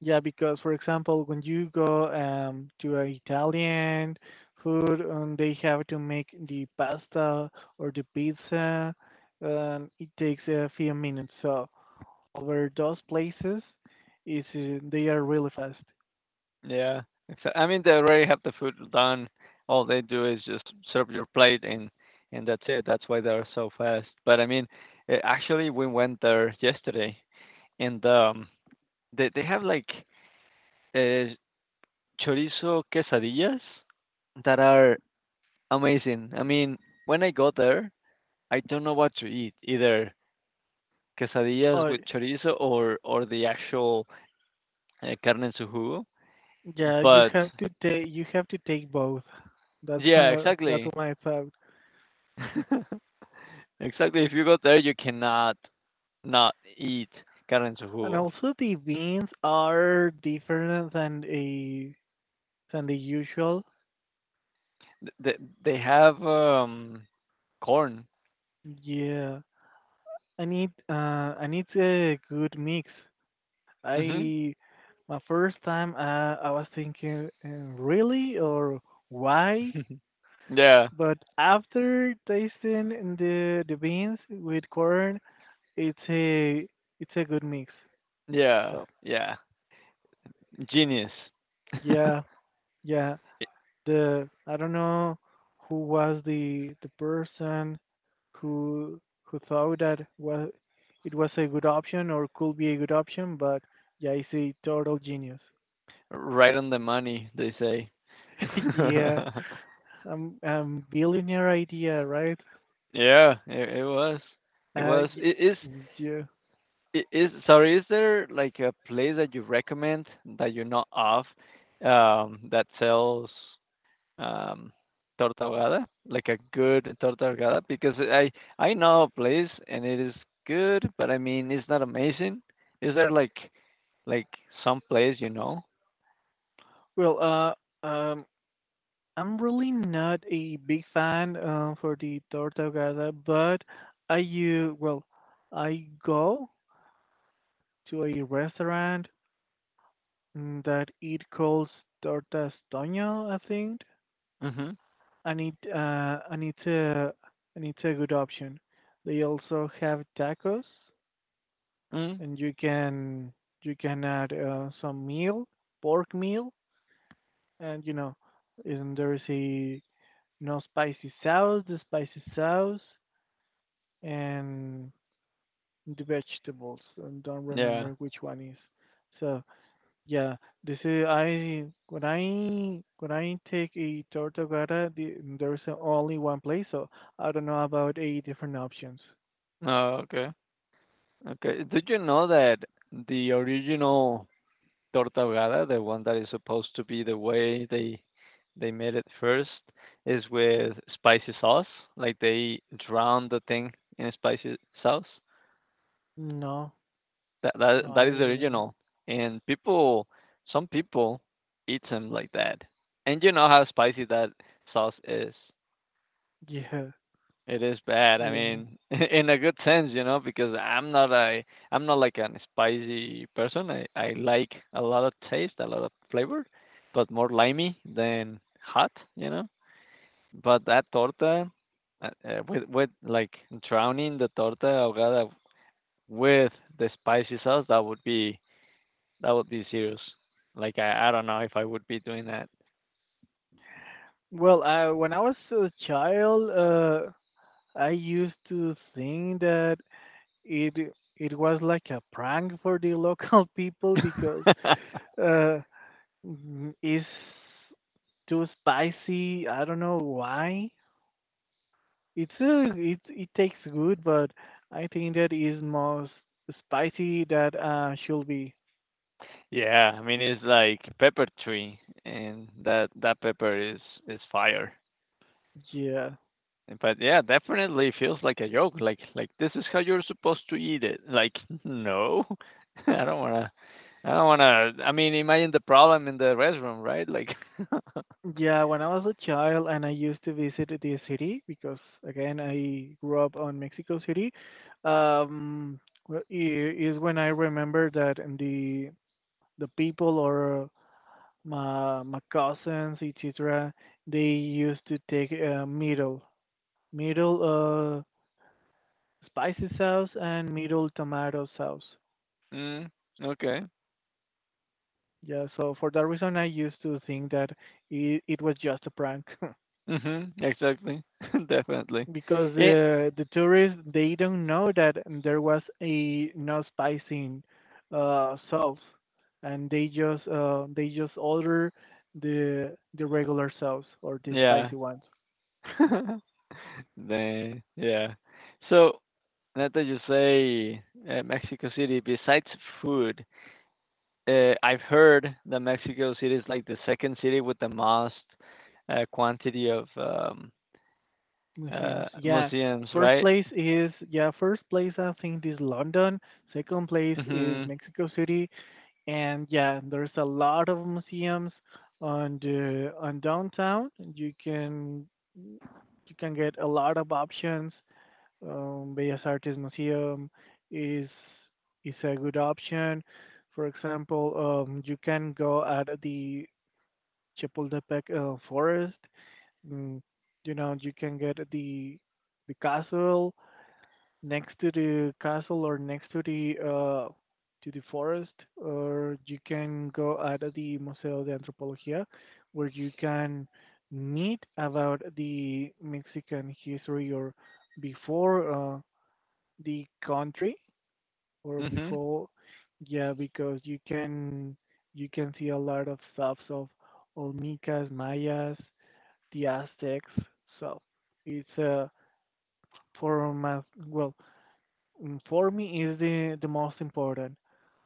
Speaker 1: yeah, because for example when you go to an italian food they have to make the pasta or the pizza, it takes a few minutes, so over those places is they are really fast.
Speaker 2: Yeah. Exa I mean, they already have the food done. All they do is just serve your plate and that's it. That's why they're so fast. But I mean, actually, we went there yesterday, and they have like uh, chorizo quesadillas that are amazing. I mean, when I got there, I don't know what to eat, either quesadillas
Speaker 1: Oh,
Speaker 2: with chorizo or the actual carne en su jugo.
Speaker 1: yeah, you
Speaker 2: But
Speaker 1: have to take both. That's
Speaker 2: yeah,
Speaker 1: my
Speaker 2: exactly.
Speaker 1: thought.
Speaker 2: Exactly. If you go there, you cannot not eat carne en su
Speaker 1: And
Speaker 2: jugo.
Speaker 1: also the beans are different than a than the usual.
Speaker 2: They they have corn.
Speaker 1: Yeah, I need uh I need a good mix.
Speaker 2: Mhm.
Speaker 1: I My first time I was thinking really or why,
Speaker 2: Yeah.
Speaker 1: but after tasting the beans with corn, it's a it's a good mix.
Speaker 2: Yeah.
Speaker 1: So
Speaker 2: Yeah. Genius.
Speaker 1: yeah. Yeah, the I don't know who was the person who thought that was it was a good option or could be a good option, but yeah, it's a total genius.
Speaker 2: Right on the money, they say.
Speaker 1: Yeah, billionaire idea, right?
Speaker 2: Yeah, it was. It was. It is.
Speaker 1: Yeah.
Speaker 2: It is. Sorry, is there like a place that you recommend that you're not of, that sells um, torta ahogada, like a good torta ahogada, because I know a place and it is good, but I mean it's not amazing. Is there like like some place you know?
Speaker 1: Well, I'm really not a big fan for the Tortogada, but I you well, I go to a restaurant that it calls tortas Doña, I think,
Speaker 2: Mhm.
Speaker 1: and it and it's a good option. They also have tacos,
Speaker 2: Mm.
Speaker 1: and you can add some meal, pork meal, and you know, and there is a no spicy sauce, the spicy sauce, and the vegetables. I don't
Speaker 2: Yeah.
Speaker 1: remember which one is. So, yeah, this is I when I take a tortogada, there's only one place, so I don't know about eight different options.
Speaker 2: Oh, okay. Okay. Did you know that the original torta ahogada, the one that is supposed to be the way they made it first, is with spicy sauce? Like they drown the thing in spicy sauce?
Speaker 1: No, no,
Speaker 2: That
Speaker 1: I
Speaker 2: is the
Speaker 1: really not.
Speaker 2: original, and some people eat them like that. And you know how spicy that sauce is.
Speaker 1: Yeah,
Speaker 2: It is bad. I
Speaker 1: yeah. No.
Speaker 2: mean, in a good sense, you know, because I'm not like an spicy person. I like a lot of taste, a lot of flavor, but more limey than hot, you know. But that torta, with like drowning the torta ahogada with the spicy sauce, that would be That would be serious. Like I don't know if I would be doing that.
Speaker 1: Well, I when I was a child, I used to think that it it was like a prank for the local people because uh, it's too spicy. I don't know why. It's a, it tastes good, but I think that is more spicy that should be.
Speaker 2: Yeah, I mean it's like pepper tree, and that pepper is fire.
Speaker 1: Yeah.
Speaker 2: But yeah, definitely feels like a joke. Like this is how you're supposed to eat it. Like no, I don't wanna. I don't wanna. I mean, imagine the problem in the restroom, right? Like,
Speaker 1: Yeah, when I was a child and I used to visit the city because again I grew up on Mexico City. Um is when I remember that in the people or my cousins etc. they used to take middle middle spicy sauce and middle tomato sauce.
Speaker 2: mm, okay,
Speaker 1: Yeah, so for that reason, I used to think that it was just a prank
Speaker 2: mhm, exactly, definitely.
Speaker 1: because
Speaker 2: It,
Speaker 1: the tourists they don't know that there was a no spicing sauce, and they just order the regular sauce or the
Speaker 2: yeah.
Speaker 1: spicy ones.
Speaker 2: Then yeah. So now that you say Mexico City, besides food, I've heard that Mexico City is like the second city with the most quantity of
Speaker 1: Museums, yeah.
Speaker 2: museums,
Speaker 1: First
Speaker 2: right?
Speaker 1: place is yeah. First place I think is London. Second place is
Speaker 2: Mhm.
Speaker 1: Mexico City, and yeah, there's a lot of museums on the on downtown. You can get a lot of options. Bellas Artes Museum is is a good option. For example, you can go at the Chapultepec Forest. Mm, you know, you can get the castle next to the castle or next to the forest, or you can go at the Museo de Antropología, where you can meet about the Mexican history or before the country or
Speaker 2: Mhm.
Speaker 1: before, yeah, because you can see a lot of stuff of Olmecas, Mayas, the Aztecs. So it's for math, well Mm, for me, is the most important.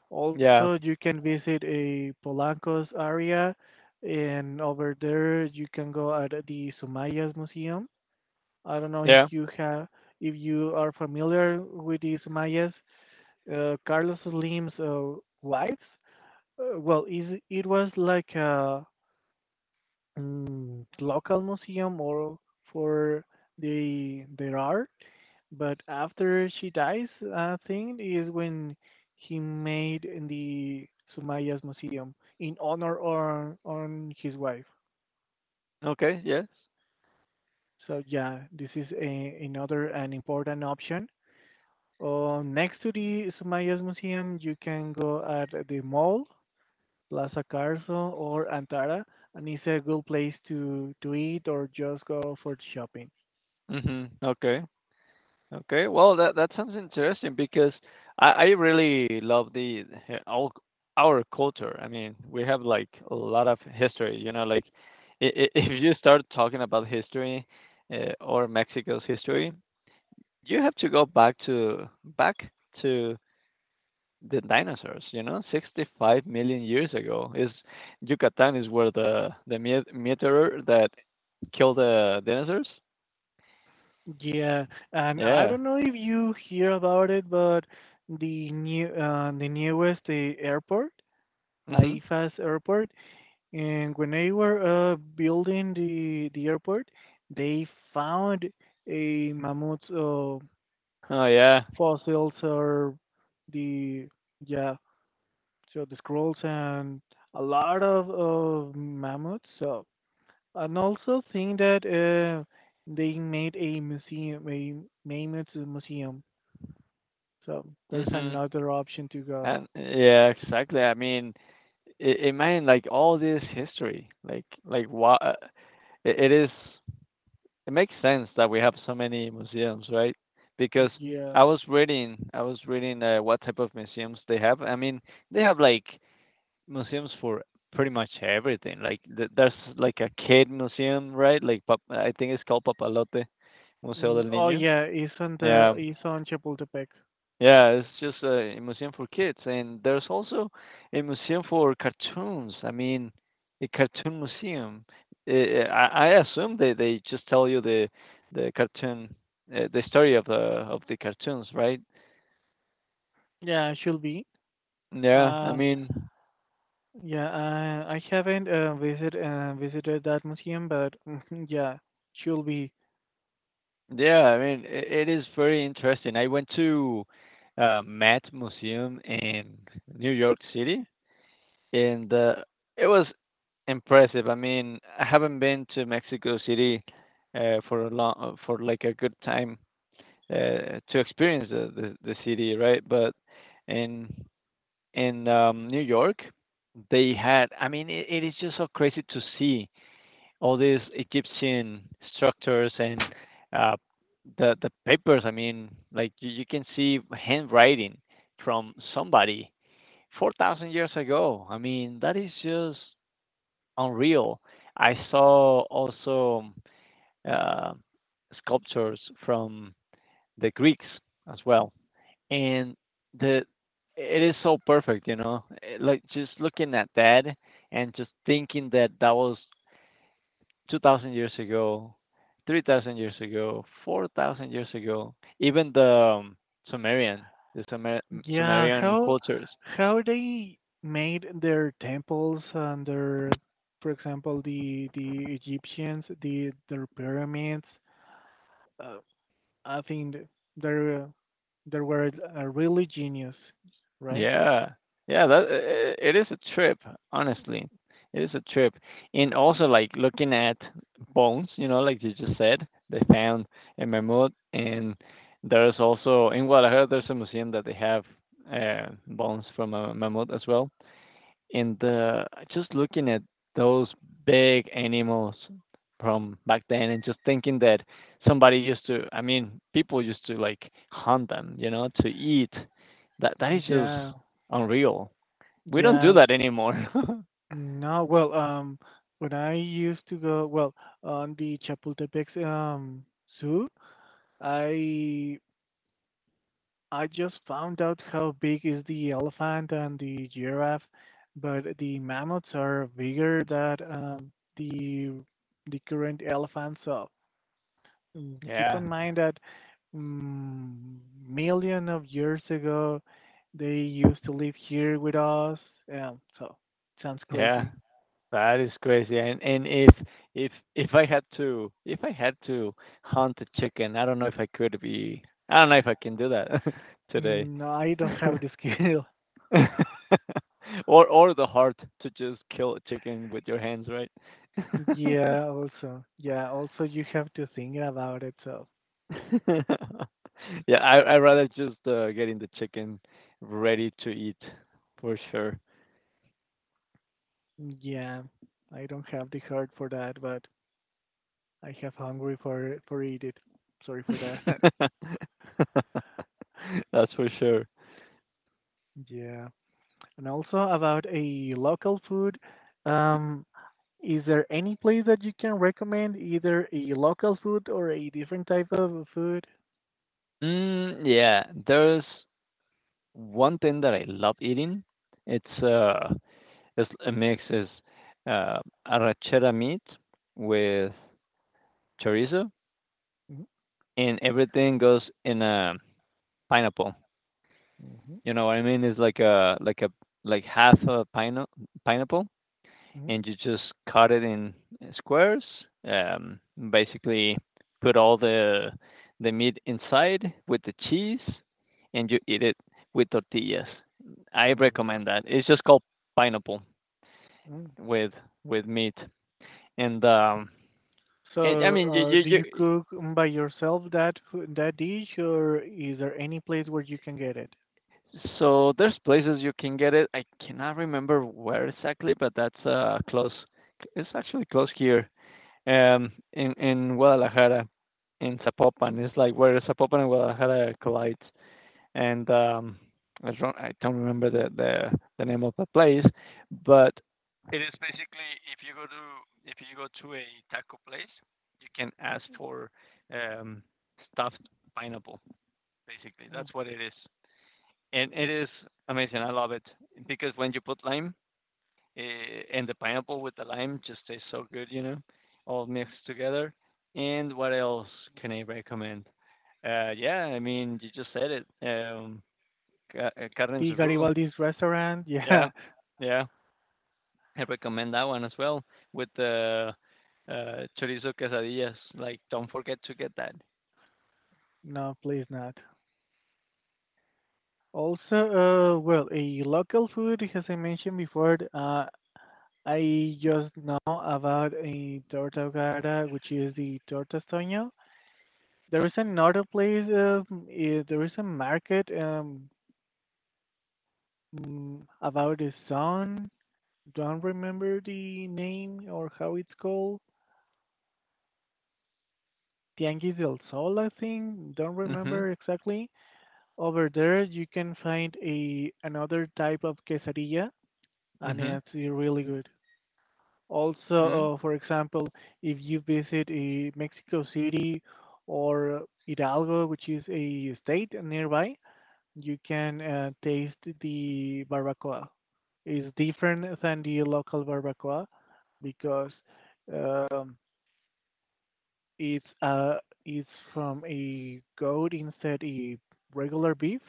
Speaker 1: Also,
Speaker 2: Yeah.
Speaker 1: you can visit a Polanco's area, and over there you can go at the Sumayas Museum. I don't know if
Speaker 2: Yeah.
Speaker 1: you have if you are familiar with the Sumayas. Carlos Slim's wife. Well, is it was like a local museum or for the their art. But after she dies, I think is when he made in the Sumaya's museum in honor on his wife.
Speaker 2: Okay. Yes.
Speaker 1: So yeah, this is a, another an important option. Next to the Sumaya's museum, you can go at the mall, Plaza Carso or Antara, and it's a good place to eat or just go for shopping.
Speaker 2: Mhm. Okay. Okay, well, that that sounds interesting because I really love all our culture. I mean, we have like a lot of history, you know, like if you start talking about history or Mexico's history, you have to go back to back to the dinosaurs, you know, 65 million years ago. Is Yucatan is where the meteor that killed the dinosaurs?
Speaker 1: Yeah, and I
Speaker 2: Yeah.
Speaker 1: don't know if you hear about it, but the newest the airport,
Speaker 2: Mhm.
Speaker 1: AIFA's airport, and when they were building the airport, they found a mammoth
Speaker 2: Oh yeah.
Speaker 1: fossils or the yeah, so the scrolls and a lot of mammoths. So and also think that they made a museum, a mammoth museum. So there's
Speaker 2: Mhm.
Speaker 1: another option to go.
Speaker 2: And yeah, exactly. I mean, imagine like all this history, like what it is. It makes sense that we have so many museums, right? Because
Speaker 1: Yeah.
Speaker 2: I was reading what type of museums they have. I mean, they have like museums for pretty much everything. Like there's like a kid museum, right? Like I think it's called Papalote Museo
Speaker 1: Mm,
Speaker 2: del
Speaker 1: oh
Speaker 2: Niño.
Speaker 1: yeah, isn't the
Speaker 2: Yeah.
Speaker 1: isn't Chapultepec?
Speaker 2: Yeah, it's just a museum for kids, and there's also a museum for cartoons. I mean, a cartoon museum. I assume they just tell you the cartoon, the story of the cartoons, right?
Speaker 1: Yeah, should be.
Speaker 2: Yeah, I
Speaker 1: Uh,
Speaker 2: mean,
Speaker 1: yeah, I haven't visited that museum, but yeah, should be.
Speaker 2: yeah, I mean, I it is very interesting. I went to Met Museum in New York City, and it was impressive. I mean, I haven't been to Mexico City for like a good time to experience the city, right? But in in New York, they had. I mean, it is just so crazy to see all these Egyptian structures and uh, the papers. I mean, like you can see handwriting from somebody 4,000 years ago. I mean, that is just unreal. I saw also uh, sculptures from the Greeks as well, and the it is so perfect, you know. Like just looking at that and just thinking that that was 2,000 years ago, 3,000 years ago, 4,000 years ago. Even the um, Sumerian, the Sumer-
Speaker 1: Yeah,
Speaker 2: Sumerian
Speaker 1: how
Speaker 2: cultures,
Speaker 1: how they made their temples and their, for example, the Egyptians, the their pyramids. uh, I think they're uh, they were really genius, right?
Speaker 2: Yeah. Yeah, that I it is a trip, honestly. It is a trip. And also, like, looking at bones, you know, like you just said, they found a mammoth, and there's also in Guadalajara, there's a museum that they have bones from a mammoth as well in the just looking at those big animals from back then and just thinking that somebody used to I mean, people used to like hunt them, you know, to eat. That is just
Speaker 1: Yeah,
Speaker 2: unreal. We don't do
Speaker 1: yeah.
Speaker 2: that anymore.
Speaker 1: No, well, when I used to go, well, on the Chapultepec zoo, I I just found out how big is the elephant and the giraffe, but the mammoths are bigger than the current elephants of. Mm, keep
Speaker 2: Yeah.
Speaker 1: in mind that mm, million of years ago, they used to live here with us. Yeah, so sounds
Speaker 2: Yeah.
Speaker 1: crazy.
Speaker 2: That is crazy. And if I had to hunt a chicken, I don't know if I could be I don't know if I can do that today.
Speaker 1: Mm, no, I don't have the skill.
Speaker 2: Or the heart to just kill a chicken with your hands, right?
Speaker 1: Yeah, also you have to think about it. So,
Speaker 2: Yeah, I rather just, getting the chicken ready to eat for sure.
Speaker 1: yeah, I don't have the heart for that, but I have hungry for eat it. Sorry for that.
Speaker 2: That's for sure.
Speaker 1: Yeah, and also about a local food. Um, Is there any place that you can recommend, either a local food or a different type of food?
Speaker 2: Mm, yeah, there's one thing that I love eating. It's, uh, it's uh, arrachera meat with chorizo,
Speaker 1: Mhm,
Speaker 2: and everything goes in a pineapple.
Speaker 1: mhm,
Speaker 2: You know what I mean? It's like a like half a pineapple,
Speaker 1: mhm,
Speaker 2: and you just cut it in squares. Um, basically, put all the meat inside with the cheese, and you eat it with tortillas. I recommend
Speaker 1: mm,
Speaker 2: that. It's just called pineapple
Speaker 1: yeah, mm.
Speaker 2: with meat, and I
Speaker 1: So,
Speaker 2: mean
Speaker 1: do you
Speaker 2: you
Speaker 1: cook by yourself that that dish, or is there any place where you can get it?
Speaker 2: so there's places you can get it. I cannot remember where exactly, but that's close. It's actually close here in Guadalajara, in Zapopan. It's like where Zapopan and Guadalajara collide, and I don't remember the name of the place, but it is basically if you go to a taco place, you can ask for um, stuffed pineapple. Basically,
Speaker 1: Mm.
Speaker 2: that's what it is, and it is amazing. I love it because when you put lime, and the pineapple with the lime just tastes so good, you know, all mixed together. And what else can I recommend? Yeah, I mean, you just said it. Carne en
Speaker 1: The
Speaker 2: su jugo.
Speaker 1: Garibaldi's restaurant? Yeah,
Speaker 2: Yeah, yeah. I recommend that one as well with the uh, chorizo quesadillas. Like, don't forget to get that.
Speaker 1: no, please not. Also, well, a local food, as I mentioned before, I just know about a torta ahogada, which is the torta. There is another place, there is a market about the sun. Don't remember the name or how it's called. Tianguis del Sol, I think. Don't
Speaker 2: Mhm.
Speaker 1: remember exactly. Over there, you can find a another type of quesadilla, and
Speaker 2: Mhm.
Speaker 1: it's really good.
Speaker 2: Mhm.
Speaker 1: Also, for example, if you visit Mexico City or Hidalgo, which is a state nearby, you can taste the barbacoa. It's different than the local barbacoa because um, it's uh, it's from a goat instead a regular beef.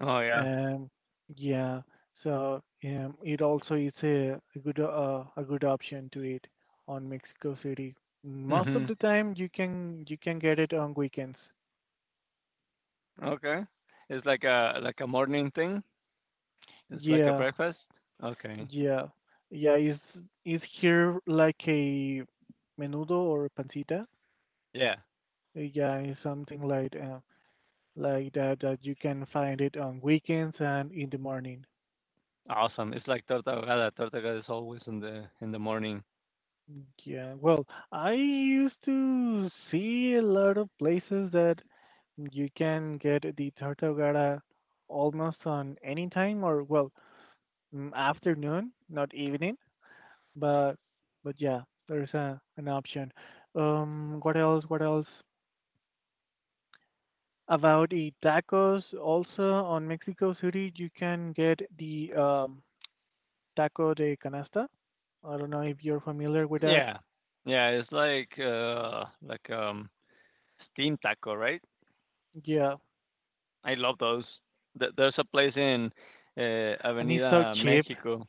Speaker 2: Oh yeah.
Speaker 1: Um, yeah, so it also is a good option to eat on Mexico City. Most of
Speaker 2: Mhm.
Speaker 1: the time, you can get it on weekends.
Speaker 2: Okay. It's like a morning thing. It's like a
Speaker 1: Yeah,
Speaker 2: breakfast. Okay.
Speaker 1: yeah. Yeah, is here like a menudo or pancita?
Speaker 2: Yeah.
Speaker 1: Yeah, it's something like that you can find it on weekends and in the morning.
Speaker 2: Awesome. It's like torta ahogada. Torta ahogada is always in the morning.
Speaker 1: Yeah, well, I used to see a lot of places that you can get the tortogara almost on any time or well, afternoon, not evening, but but yeah, there's a, an option. What else? What else? About the tacos also on Mexico City you can get the taco de canasta. I don't know if you're familiar with that.
Speaker 2: Yeah. Yeah, it's like steam taco, right?
Speaker 1: Yeah,
Speaker 2: I love those. There's a place in
Speaker 1: and it's so
Speaker 2: Avenida
Speaker 1: cheap.
Speaker 2: Mexico.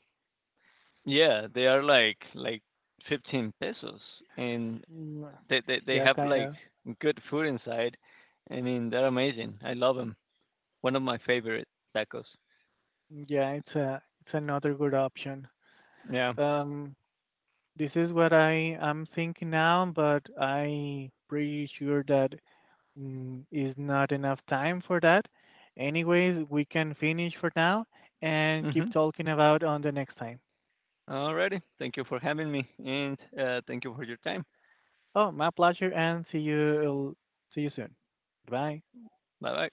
Speaker 2: Yeah, they are like 15 pesos and
Speaker 1: Mm,
Speaker 2: they
Speaker 1: yeah,
Speaker 2: have
Speaker 1: kind
Speaker 2: like
Speaker 1: of.
Speaker 2: good food inside. I mean, they're amazing. I love them. One of my favorite tacos.
Speaker 1: Yeah, it's a it's another good option.
Speaker 2: Yeah.
Speaker 1: Um, this is what I am thinking now, but I pretty sure that is not enough time for that. Anyways, we can finish for now and keep
Speaker 2: Mhm.
Speaker 1: talking about on the next time.
Speaker 2: Alrighty. Thank you for having me and thank you for your time.
Speaker 1: Oh, my pleasure, and see you soon. Goodbye.
Speaker 2: No,